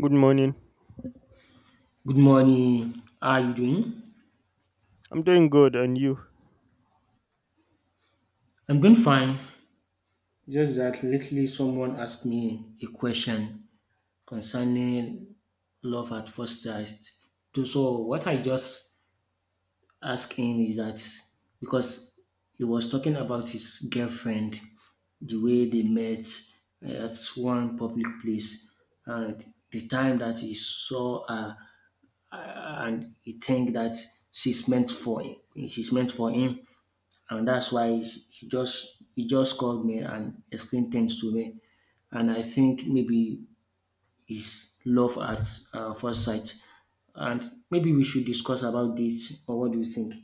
Good morning. Good morning. How are you doing? I'm doing good, and you? I'm doing fine. Just that lately someone asked me a question concerning love at first sight. So what I just asked him is that because he was talking about his girlfriend, the way they met at one public place, and the time that he saw her, uh, and he think that she's meant for him. She's meant for him, and that's why he just called me and explained things to me. And I think maybe his love at first sight, and maybe we should discuss about this. Or what do you think?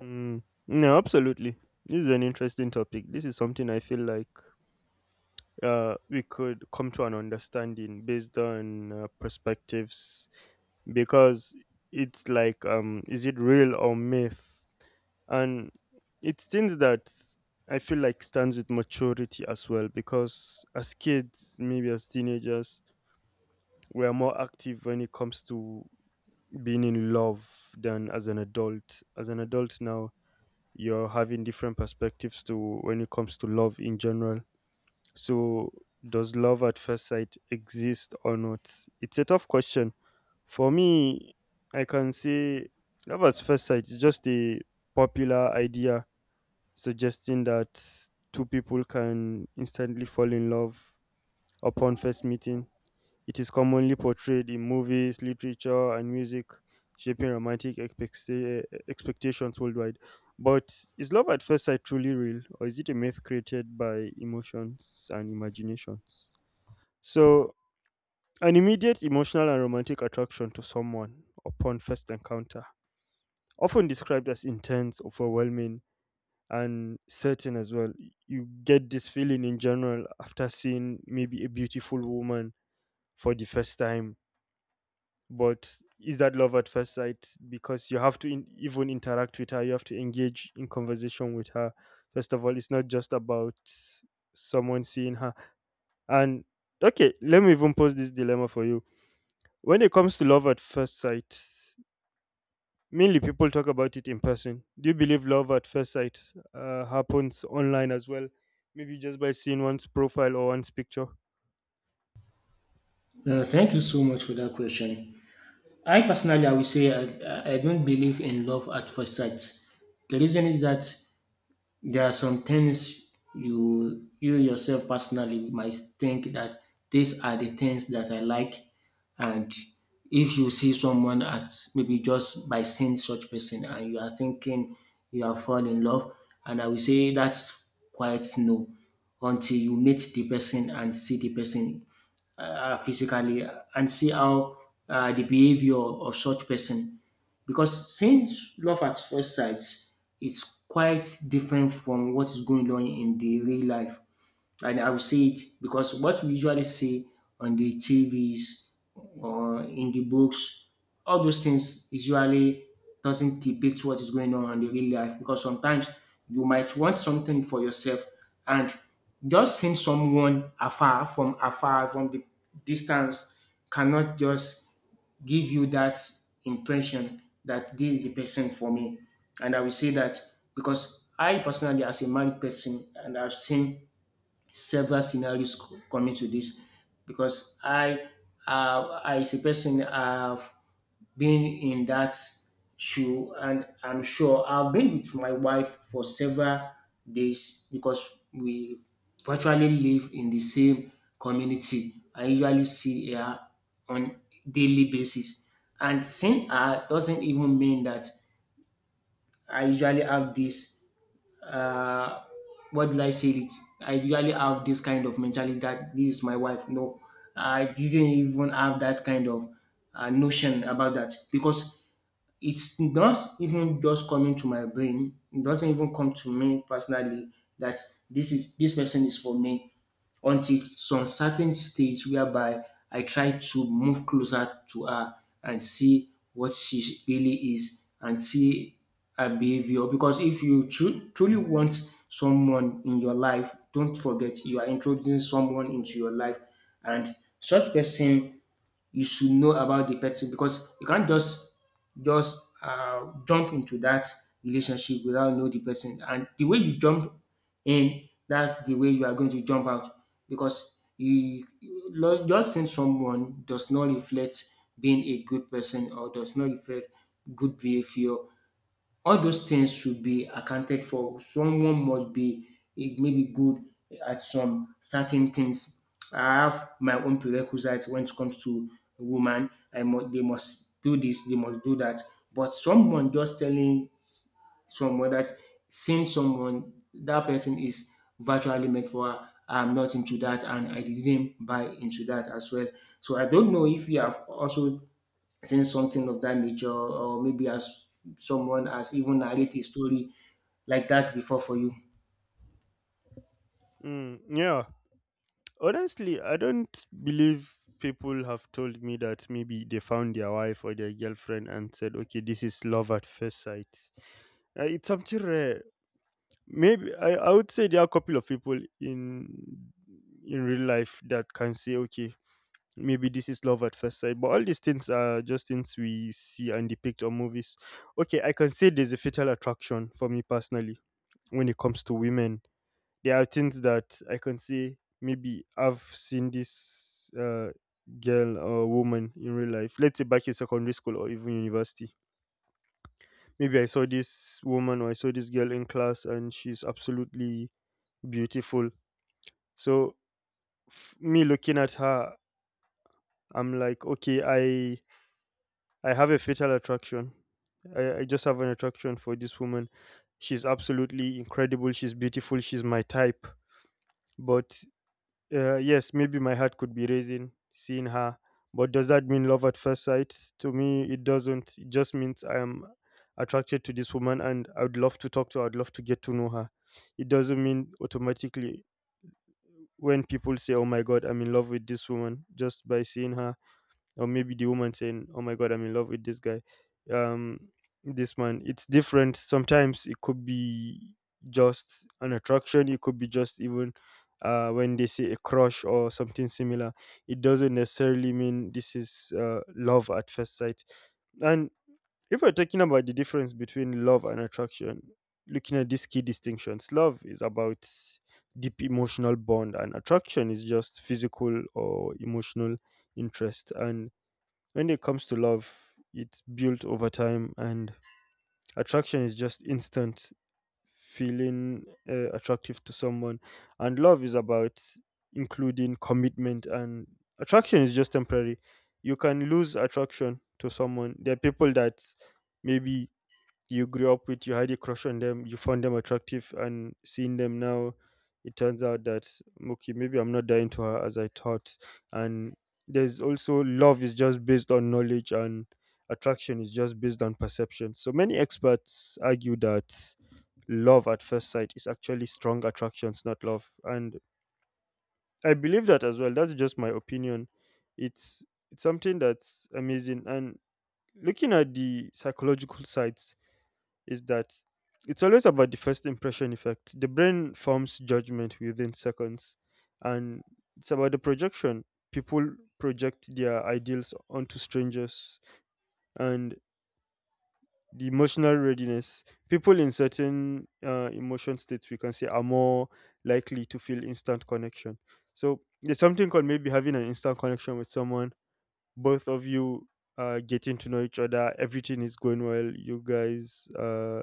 No, absolutely. This is an interesting topic. This is something I feel like we could come to an understanding based on perspectives because it's like, is it real or myth? And it's things that I feel like stands with maturity as well because as kids, maybe as teenagers, we are more active when it comes to being in love than as an adult. As an adult now, you're having different perspectives to when it comes to love in general. So, does love at first sight exist or not? It's a tough question. For me, I can say love at first sight is just a popular idea suggesting that two people can instantly fall in love upon first meeting. It is commonly portrayed in movies, literature, and music, shaping romantic expectations worldwide. But is love at first sight truly real, or is it a myth created by emotions and imaginations? So, an immediate emotional and romantic attraction to someone upon first encounter, often described as intense, overwhelming, and certain as well. You get this feeling in general after seeing maybe a beautiful woman for the first time, but is that love at first sight? Because you have to even interact with her, you have to engage in conversation with her. First of all, it's not just about someone seeing her. And okay, let me even pose this dilemma for you. When it comes to love at first sight, mainly people talk about it in person. Do you believe love at first sight happens online as well? Maybe just by seeing one's profile or one's picture. Thank you so much for that question. I personally, I would say I don't believe in love at first sight. The reason is that there are some things you yourself personally might think that these are the things that I like, and if you see someone at, maybe just by seeing such person and you are thinking you have fallen in love, and I will say that's quite no, until you meet the person and see the person physically, and see how the behavior of such person. Because since love at first sight, it's quite different from what is going on in the real life, and I will see it because what we usually see on the TVs or in the books, all those things usually doesn't depict what is going on in the real life, because sometimes you might want something for yourself, and just seeing someone afar, from afar from the distance, cannot just give you that impression that this is the person for me. And I will say that because I personally, as a married person, and I've seen several scenarios coming to this, because I as a person have been in that shoe, and I'm sure I've been with my wife for several days because we virtually live in the same community. I usually see her on daily basis, and seeing her doesn't even mean that I usually have this, uh, what will I say it? I usually have this kind of mentality that this is my wife. No, I didn't even have that kind of notion about that, because it's not even just coming to my brain. It doesn't even come to me personally that this person is for me, until some certain stage whereby I try to move closer to her and see what she really is, and see her behavior. Because if you truly want someone in your life, don't forget, you are introducing someone into your life, and such person, you should know about the person, because you can't just jump into that relationship without know the person. And the way you jump in, that's the way you are going to jump out, because just seeing someone does not reflect being a good person, or does not reflect good behavior. All those things should be accounted for. Someone must be maybe good at some certain things. I have my own prerequisites when it comes to woman. They must do this, they must do that. But someone just telling someone that, seeing someone, that person is virtually made for her, I'm not into that, and I didn't buy into that as well. So I don't know if you have also saying something of that nature, or maybe as someone has even narrated a story like that before for you. Mm, yeah, honestly, I don't believe. People have told me that maybe they found their wife or their girlfriend and said, okay, this is love at first sight. It's something rare. Maybe I would say there are a couple of people in real life that can say, okay, maybe this is love at first sight. But all these things are just things we see and depict on movies. Okay, I can say there's a fatal attraction for me personally when it comes to women. There are things that I can say maybe I've seen this girl or woman in real life. Let's say back in secondary school or even university. Maybe I saw this woman or I saw this girl in class and she's absolutely beautiful. So me looking at her, I'm like, okay, I have a fatal attraction. I just have an attraction for this woman. She's absolutely incredible. She's beautiful. She's my type. But yes, maybe my heart could be raising seeing her, but does that mean love at first sight? To me, it doesn't. It just means I am attracted to this woman and I would love to talk to her, I'd love to get to know her. It doesn't mean automatically. When people say, oh my God, I'm in love with this woman just by seeing her, or maybe the woman saying, oh my god, I'm in love with this guy, um this man, it's different. Sometimes it could be just an attraction, it could be just even when they say a crush or something similar. It doesn't necessarily mean this is love at first sight. And if we're talking about the difference between love and attraction, looking at these key distinctions, love is about deep emotional bond and attraction is just physical or emotional interest. And when it comes to love, it's built over time, and attraction is just instant feeling attractive to someone. And love is about including commitment, and attraction is just temporary. You can lose attraction to someone. There are people that maybe you grew up with, you had a crush on them, you found them attractive, and seeing them now, it turns out that okay, maybe I'm not that into her as I thought. And there's also love is just based on knowledge, and attraction is just based on perception. So many experts argue that love at first sight is actually strong attractions, not love. And I believe that as well. That's just my opinion. It's it's something that's amazing. And looking at the psychological side is that it's always about the first impression effect. The brain forms judgment within seconds, and it's about the projection. People project their ideals onto strangers, and the emotional readiness. People in certain emotion states, we can say, are more likely to feel instant connection. So there's something called maybe having an instant connection with someone. Both of you getting to know each other. Everything is going well. You guys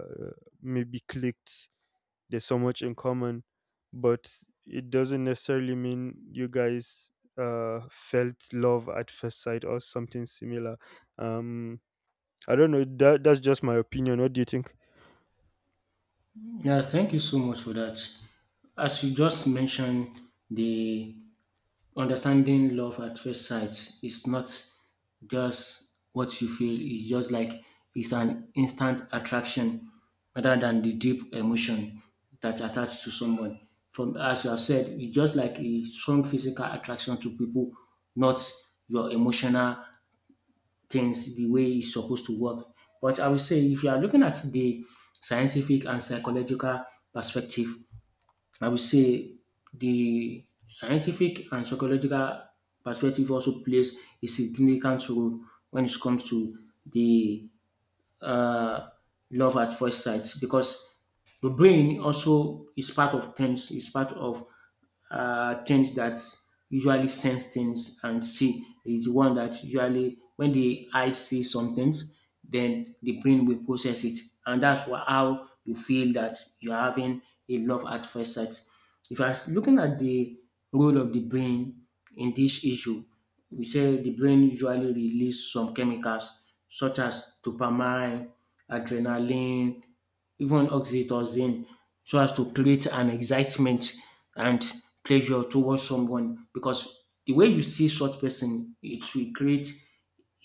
maybe clicked, there's so much in common, but it doesn't necessarily mean you guys felt love at first sight or something similar. um I don't know, that that's just my opinion. What do you think? Yeah, thank you so much for that. As you just mentioned, the understanding love at first sight is not just what you feel, it's just like it's an instant attraction rather than the deep emotion that's attached to someone. From, as you have said, it's just like a strong physical attraction to people, not your emotional things the way it's supposed to work. But I would say, if you are looking at the scientific and psychological perspective, I would say the scientific and psychological perspective also plays a significant role when it comes to the uh, love at first sight, because the brain also is part of things, is part of things that usually sense things and see, is the one that usually, when the eye sees some things, then the brain will process it, and that's why how you feel that you're having a love at first sight. If I was looking at the role of the brain in this issue, we say the brain usually release some chemicals such as dopamine, adrenaline, even oxytocin, so as to create an excitement and pleasure towards someone, because the way you see such person, it will create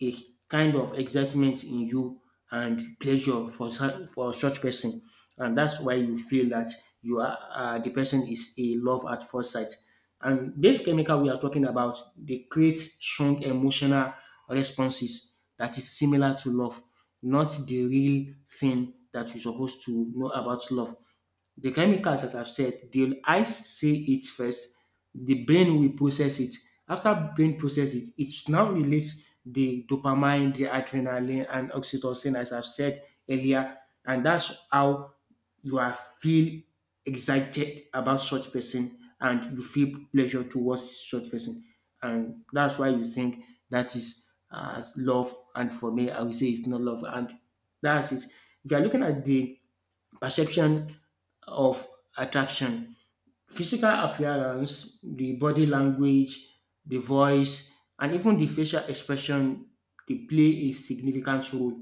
a kind of excitement in you and pleasure for such person, and that's why you feel that you are the person is a love at first sight. And this chemical we are talking about, they create strong emotional responses that is similar to love, not the real thing that you're supposed to know about love. The chemicals, as I've said, the eyes see it first, the brain will process it. After brain process it, it now release the dopamine, the adrenaline, and oxytocin, as I've said earlier, and that's how you are feel excited about such person, and you feel pleasure towards such person, and that's why you think that is love. And for me, I will say it's not love, and that's it. If you are looking at the perception of attraction. Physical appearance, the body language, the voice, and even the facial expression, they play a significant role.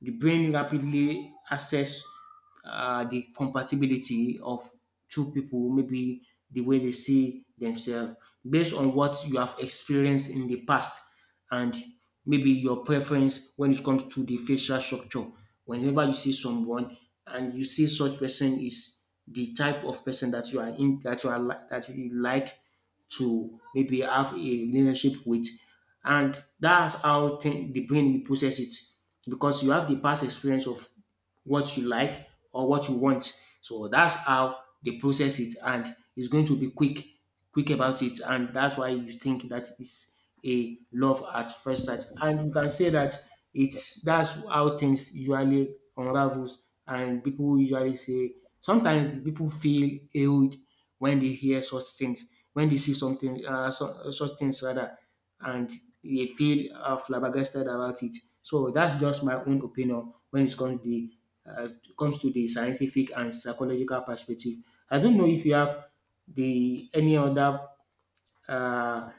The brain rapidly assess the compatibility of two people, maybe the way they see themselves, based on what you have experienced in the past, and maybe your preference when it comes to the facial structure. Whenever you see someone and you see such person is the type of person that you like to maybe have a relationship with, and that's how thing, the brain will process it, because you have the past experience of what you like or what you want. So that's how they process it, and it's going to be quick about it, and that's why you think that is a love at first sight. And you can say that it's that's how things usually unravels, and people usually say, sometimes people feel old when they hear such things, when they see something, such things rather, and they feel flabbergasted about it. So that's just my own opinion when it comes to uh, the scientific and psychological perspective. I don't know if you have the any other uh,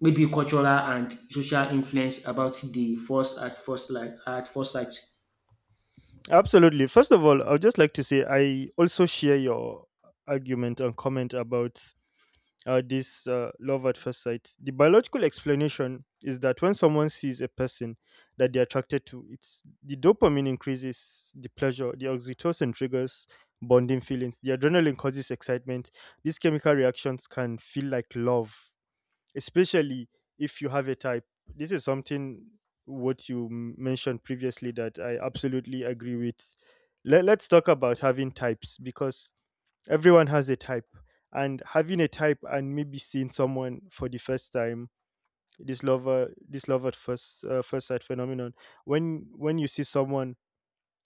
maybe cultural and social influence about the first at first sight. Absolutely. First of all, I'd just like to say I also share your argument and comment about this love at first sight. The biological explanation is that when someone sees a person that they're attracted to, it's the dopamine increases the pleasure, the oxytocin triggers bonding feelings, the adrenaline causes excitement. These chemical reactions can feel like love, especially if you have a type. This is something what you mentioned previously that I absolutely agree with. Let's talk about having types because everyone has a type, and having a type and maybe seeing someone for the first time, this lover, this love at first sight phenomenon. When you see someone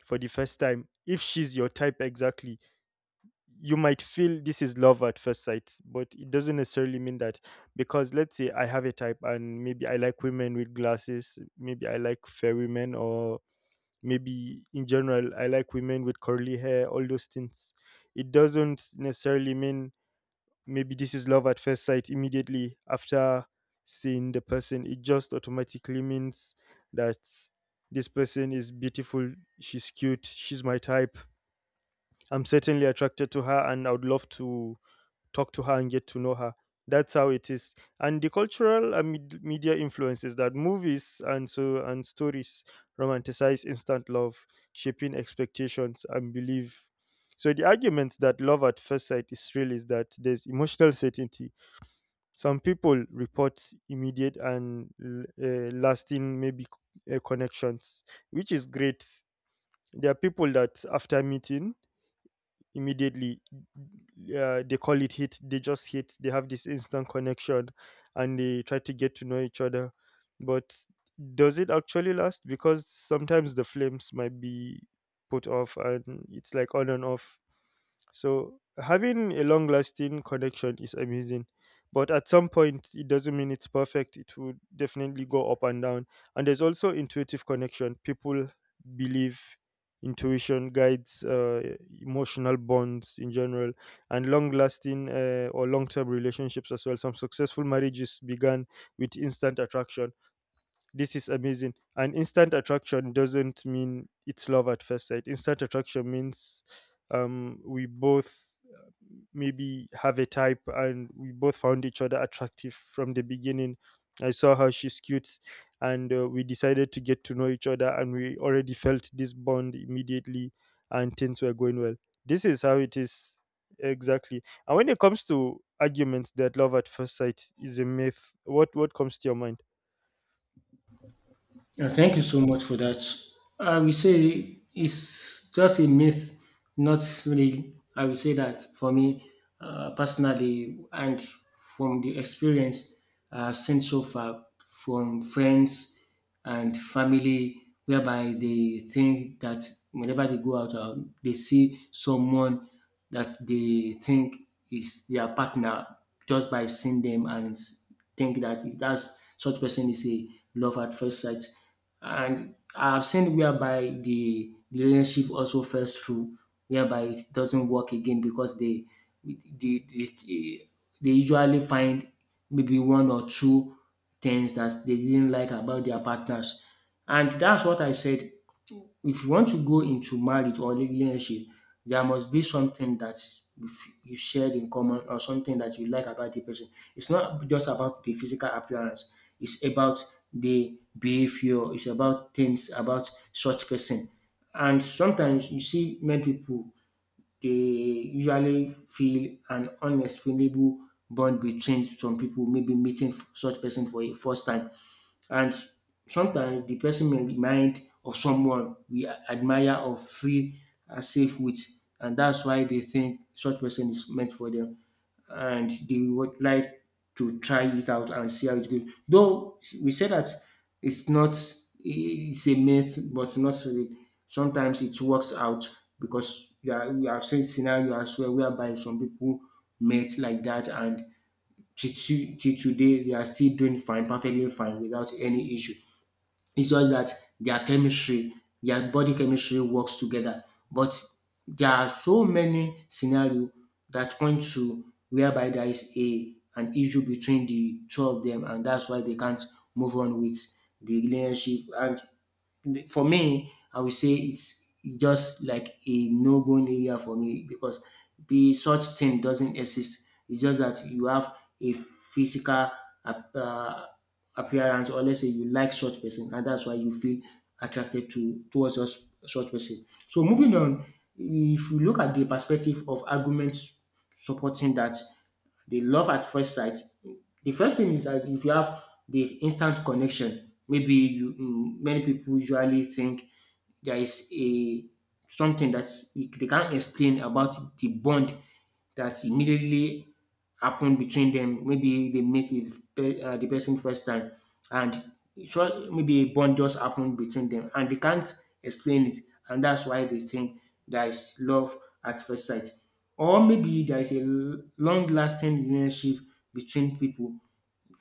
for the first time, if she's your type exactly, you might feel this is love at first sight, but it doesn't necessarily mean that, because let's say I have a type and maybe I like women with glasses, maybe I like fair women, or maybe in general I like women with curly hair, all those things. It doesn't necessarily mean maybe this is love at first sight. Immediately after seeing the person, it just automatically means that this person is beautiful, she's cute, she's my type. I'm certainly attracted to her and I would love to talk to her and get to know her. That's how it is. And the cultural and media influences, that movies and so and stories romanticize instant love, shaping expectations and belief. So the argument that love at first sight is real is that there's emotional certainty. Some people report immediate and lasting, maybe connections, which is great. There are people that after meeting, immediately they call it hit, they just hit, they have this instant connection and they try to get to know each other. But does it actually last? Because sometimes the flames might be put off and it's like on and off. So having a long lasting connection is amazing. But at some point, it doesn't mean it's perfect. It would definitely go up and down. And there's also intuitive connection. People believe intuition guides emotional bonds in general and long lasting or long term relationships as well. Some successful marriages began with instant attraction. This is amazing. And instant attraction doesn't mean it's love at first sight. Instant attraction means we both uh, maybe have a type and we both found each other attractive from the beginning. I saw how she's cute, and we decided to get to know each other and we already felt this bond immediately and things were going well. This is how it is exactly. And when it comes to arguments that love at first sight is a myth, what comes to your mind? Yeah, thank you so much for that. I will say it's just a myth, not really. I will say that for me personally, and from the experience I've seen so far from friends and family, whereby they think that whenever they go out, they see someone that they think is their partner, just by seeing them and think that that's such person is a love at first sight. And I've seen whereby the relationship also falls through, whereby it doesn't work again because they, they, they usually find maybe one or two things that they didn't like about their partners. And that's what I said, if you want to go into marriage or relationship, there must be something that you shared in common, or something that you like about the person. It's not just about the physical appearance. It's about the behavior. It's about things about such person. And sometimes you see many people, they usually feel an unexplainable bond between some people, maybe meeting such person for a first time, and sometimes the person may remind of someone we admire or feel safe with, and that's why they think such person is meant for them, and they would like to try it out and see how it goes. Though we say that it's not it's a myth, but not really. Sometimes it works out, because we have seen scenario as well whereby some people met like that, and till till today they are still doing fine, perfectly fine without any issue. It's just that their chemistry, their body chemistry works together. But there are so many scenario that point to whereby there is a an issue between the two of them, and that's why they can't move on with the relationship. And for me, I would say it's just like a no-go area for me, because the such thing doesn't exist. It's just that you have a physical ap- uh, appearance, or let's say you like such person, and that's why you feel attracted to towards such person. So moving on, if you look at the perspective of arguments supporting that, the love at first sight, the first thing is that if you have the instant connection, maybe many people usually think there is a something that they can't explain about the bond that immediately happened between them. Maybe they met with the person first time, and so maybe a bond just happened between them, and they can't explain it, and that's why they think there is love at first sight, or maybe there is a long lasting relationship between people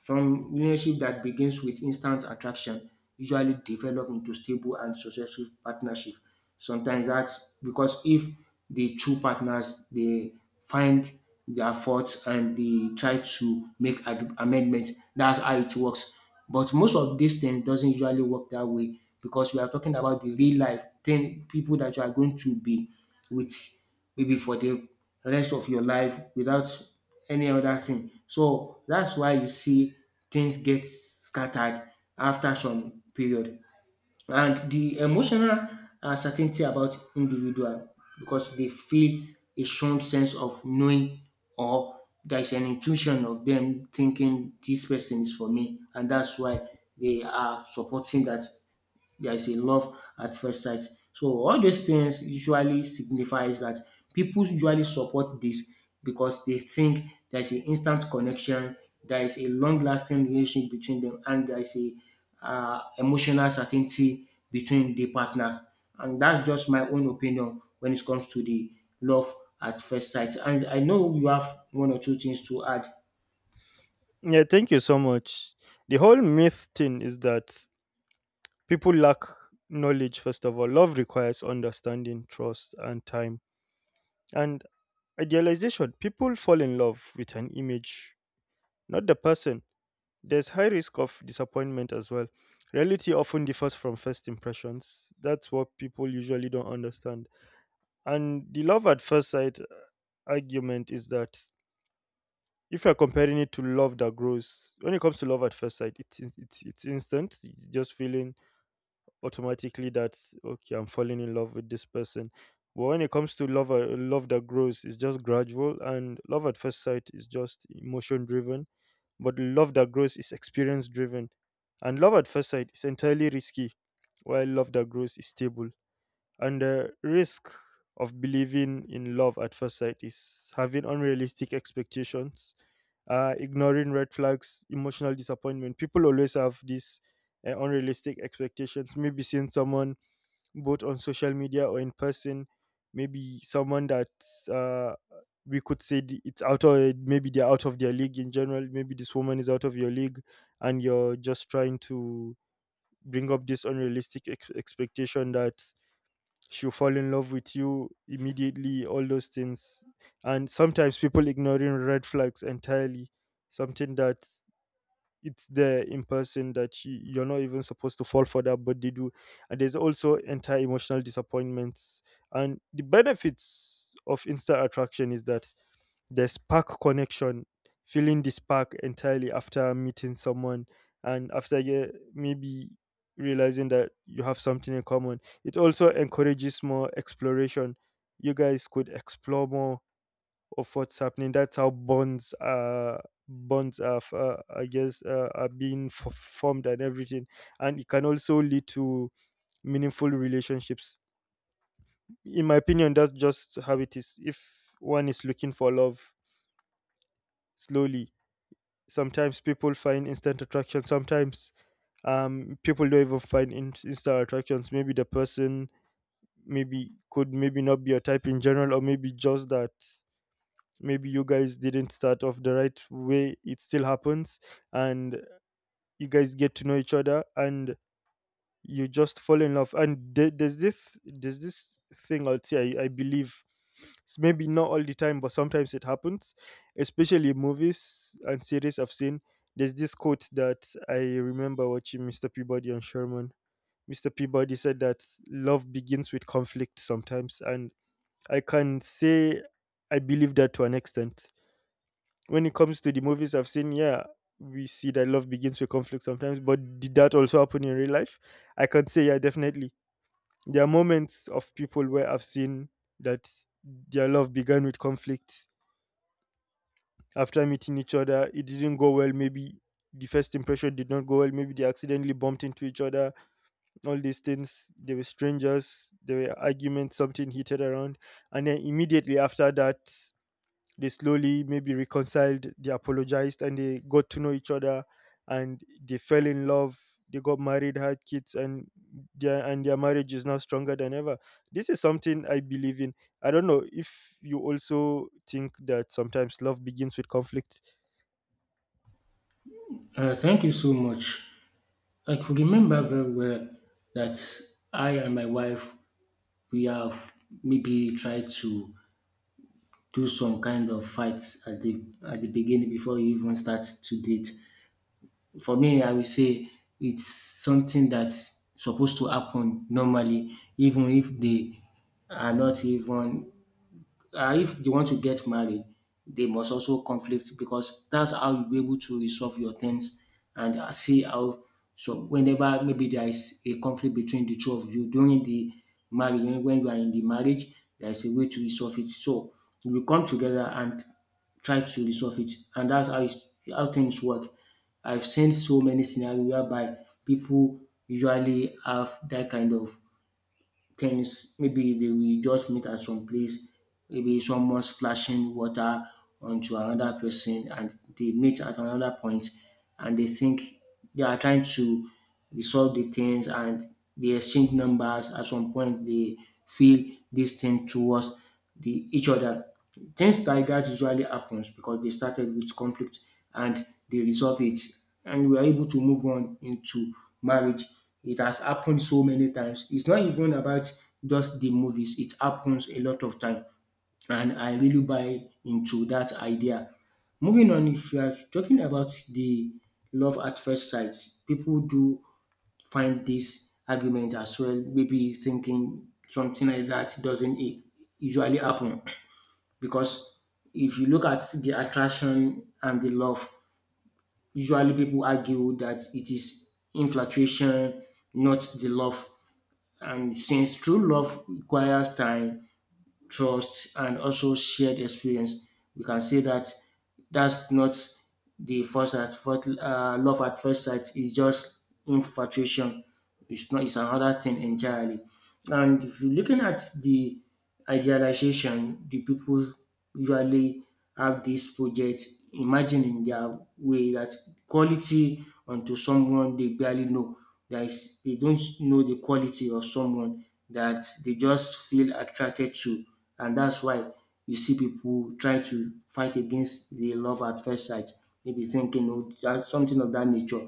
from relationship that begins with instant attraction usually develop into stable and successful partnership. Sometimes that's because if the two partners they find their faults and they try to make amendments, that's how it works. But most of these things doesn't usually work that way, because we are talking about the real life thing, people that you are going to be with maybe for the rest of your life without any other thing. So that's why you see things get scattered after some period. And the emotional uncertainty about individual, because they feel a strong sense of knowing, or there is an intuition of them thinking this person is for me, and that's why they are supporting that there is a love at first sight. So all those things usually signifies that people usually support this because they think there is an instant connection, there is a long-lasting relationship between them, and there is a emotional certainty between the partners. And that's just my own opinion when it comes to the love at first sight. And I know you have one or two things to add. Yeah, thank you so much. The whole myth thing is that people lack knowledge, first of all. Love requires understanding, trust, and time. And idealization, people fall in love with an image, not the person. There's high risk of disappointment as well. Reality often differs from first impressions. That's what people usually don't understand. And the love at first sight argument is that if you're comparing it to love that grows, when it comes to love at first sight, it's it's instant. You just feeling automatically that okay, I'm falling in love with this person. But when it comes to love, love that grows is just gradual, and love at first sight is just emotion driven. But love that grows is experience driven, and love at first sight is entirely risky, while love that grows is stable. And the risk of believing in love at first sight is having unrealistic expectations, ignoring red flags, emotional disappointment. People always have these unrealistic expectations. Maybe seeing someone both on social media or in person, maybe someone that uh, we could say it's out of, maybe they're out of their league in general. Maybe this woman is out of your league, and you're just trying to bring up this expectation that she'll fall in love with you immediately, all those things. And sometimes people ignoring red flags entirely, something that it's there in person that you're not even supposed to fall for that, but they do, and there's also entire emotional disappointments, and the benefits of instant attraction is that the spark connection, feeling the spark entirely after meeting someone, and after you maybe realizing that you have something in common, it also encourages more exploration. You guys could explore more of what's happening. That's how bonds are, f- I guess, are being formed and everything. And it can also lead to meaningful relationships. In my opinion, that's just how it is. If one is looking for love slowly, sometimes people find instant attraction. Sometimes people don't even find instant attractions. Maybe the person maybe could maybe not be your type in general, or maybe just that maybe you guys didn't start off the right way. It still happens, and you guys get to know each other, and you just fall in love. And there's this thing I'll say. I believe, maybe not all the time, but sometimes it happens, especially in movies and series I've seen. There's this quote that I remember watching Mr. Peabody and Sherman. Mr. Peabody said that love begins with conflict sometimes, and I can say I believe that to an extent. When it comes to the movies I've seen, yeah, we see that love begins with conflict sometimes, but did that also happen in real life? I can say, yeah, definitely. There are moments of people where I've seen that their love began with conflict. After meeting each other, it didn't go well. Maybe the first impression did not go well. Maybe they accidentally bumped into each other. All these things, they were strangers, there were arguments, something heated around. And then immediately after that, they slowly maybe reconciled, they apologized, and they got to know each other, and they fell in love. They got married, had kids, and their marriage is now stronger than ever. This is something I believe in. I don't know if you also think that sometimes love begins with conflict. Thank you so much. I could remember very well that I and my wife we have maybe tried to do some kind of fights at the beginning before you even start to date. For me, I will say it's something that supposed to happen normally, even if they are not even if they want to get married, they must also conflict, because that's how you'll be able to resolve your things and see how. So whenever maybe there is a conflict between the two of you during the marriage, when you are in the marriage, there is a way to resolve it. So you will come together and try to resolve it, and that's how things work. I've seen so many scenarios whereby people usually have that kind of things. Maybe they will just meet at some place, maybe someone splashing water onto another person, and they meet at another point, and they think they are trying to resolve the things, and they exchange numbers. At some point, they feel this thing towards the each other. Things like that usually happens because they started with conflict and they resolve it and we are able to move on into marriage. It has happened so many times. It's not even about just the movies. It happens a lot of time and I really buy into that idea. Moving on, if you are talking about the love at first sight, people do find this argument as well. Maybe thinking something like that doesn't usually happen, because if you look at the attraction and the love, usually people argue that it is infatuation, not the love. And since true love requires time, trust, and also shared experience, we can say that that's not the first at first love at first sight. It's just infatuation. It's not. It's another thing entirely. And if you're looking at the idealization, the people usually have this project imagining their way that quality onto someone they barely know. That is, they don't know the quality of someone that they just feel attracted to. And that's why you see people try to fight against the love at first sight, maybe thinking oh, that something of that nature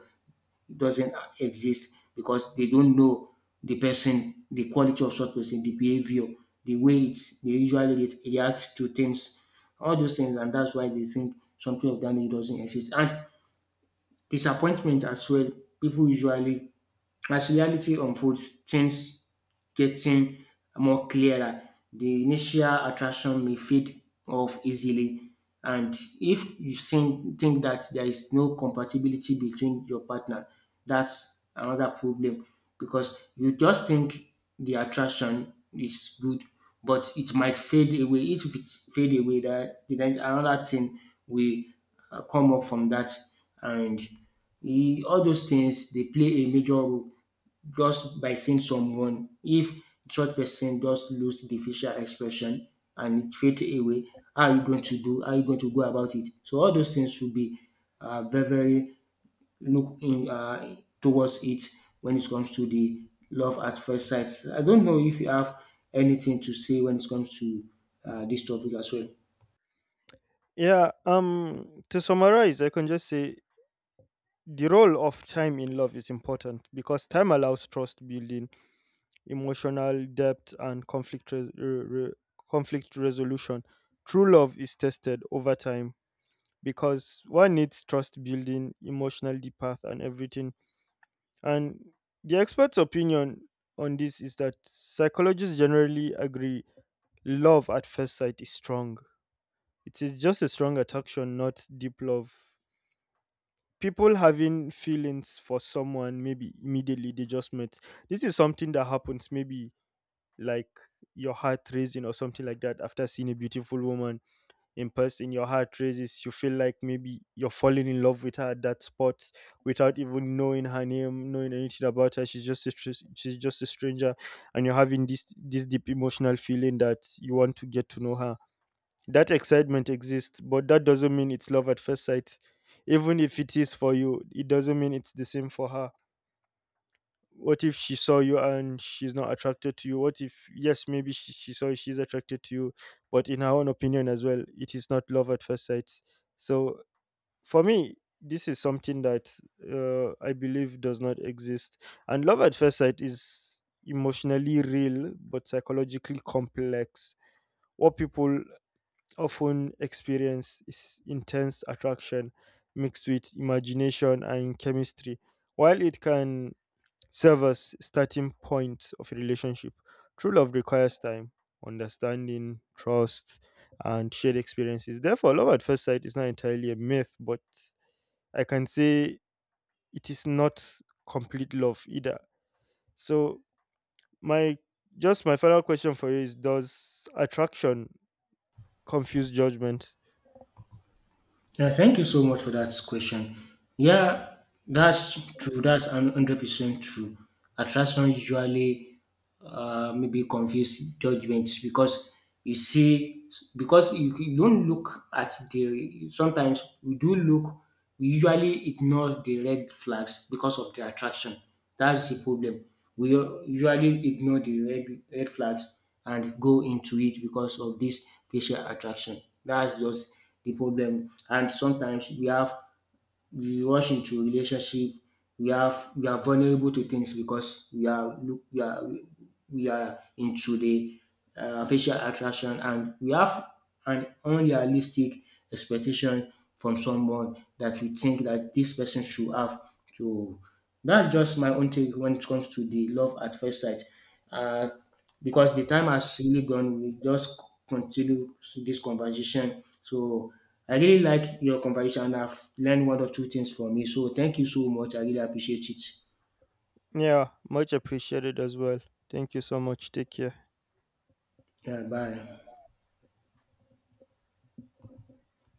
doesn't exist because they don't know the person, the quality of such person, the behavior, the way it's, they usually react to things, all those things, and that's why they think something of that nature doesn't exist. And disappointment as well, people usually, as reality unfolds, things getting more clearer. The initial attraction may fade off easily. And if you think that there is no compatibility between your partner, that's another problem, because you just think the attraction is good, but it might fade away. If it fade away, that then another thing will come up from that, and all those things they play a major role just by seeing someone. If such person just lose the facial expression and it fade away, how are you going to do? How are you going to go about it? So all those things should be very very look in, towards it when it comes to the love at first sight. I don't know if you have anything to say when it comes to this topic as well. Yeah, to summarize, I can just say the role of time in love is important because time allows trust building, emotional depth, and conflict re- re- re- conflict resolution. True love is tested over time because one needs trust building, emotional depth, and everything. And the expert's opinion on this is that psychologists generally agree love at first sight is strong. It is just a strong attraction, not deep love. People having feelings for someone, maybe immediately they just met. This is something that happens, maybe like your heart raising or something like that. After seeing a beautiful woman in person, your heart raises, you feel like maybe you're falling in love with her at that spot without even knowing her name, knowing anything about her. She's just a stranger, and you're having this deep emotional feeling that you want to get to know her. That excitement exists, but that doesn't mean it's love at first sight. Even if it is for you, it doesn't mean it's the same for her. What if she saw you and she's not attracted to you? What if, yes, maybe she saw you, she's attracted to you, but in her own opinion as well, it is not love at first sight. So, for me, this is something that I believe does not exist. And love at first sight is emotionally real but psychologically complex. What people often experience is intense attraction mixed with imagination and chemistry. While it can serve as starting point of a relationship, true love requires time, understanding, trust, and shared experiences. Therefore, love at first sight is not entirely a myth, but I can say it is not complete love either. So, my my final question for you is: does attraction confused judgment. Yeah, thank you so much for that question. Yeah, that's true. That's 100% true. Attraction usually maybe confuse judgments, because you see because you don't look at the sometimes we do look we usually ignore the red flags because of the attraction. That's the problem. We usually ignore the red flags and go into it because of this facial attraction. That's just the problem. And sometimes we rush into relationship, we are vulnerable to things, because we are into the facial attraction, and we have an unrealistic expectation from someone that we think that this person should have. So that's just my own take when it comes to the love at first sight, uh, because the time has really gone, we just continue this conversation. So I really like your conversation. I've learned one or two things from you. So thank you so much. I really appreciate it. Yeah, much appreciated as well. Thank you so much. Take care. Yeah, bye.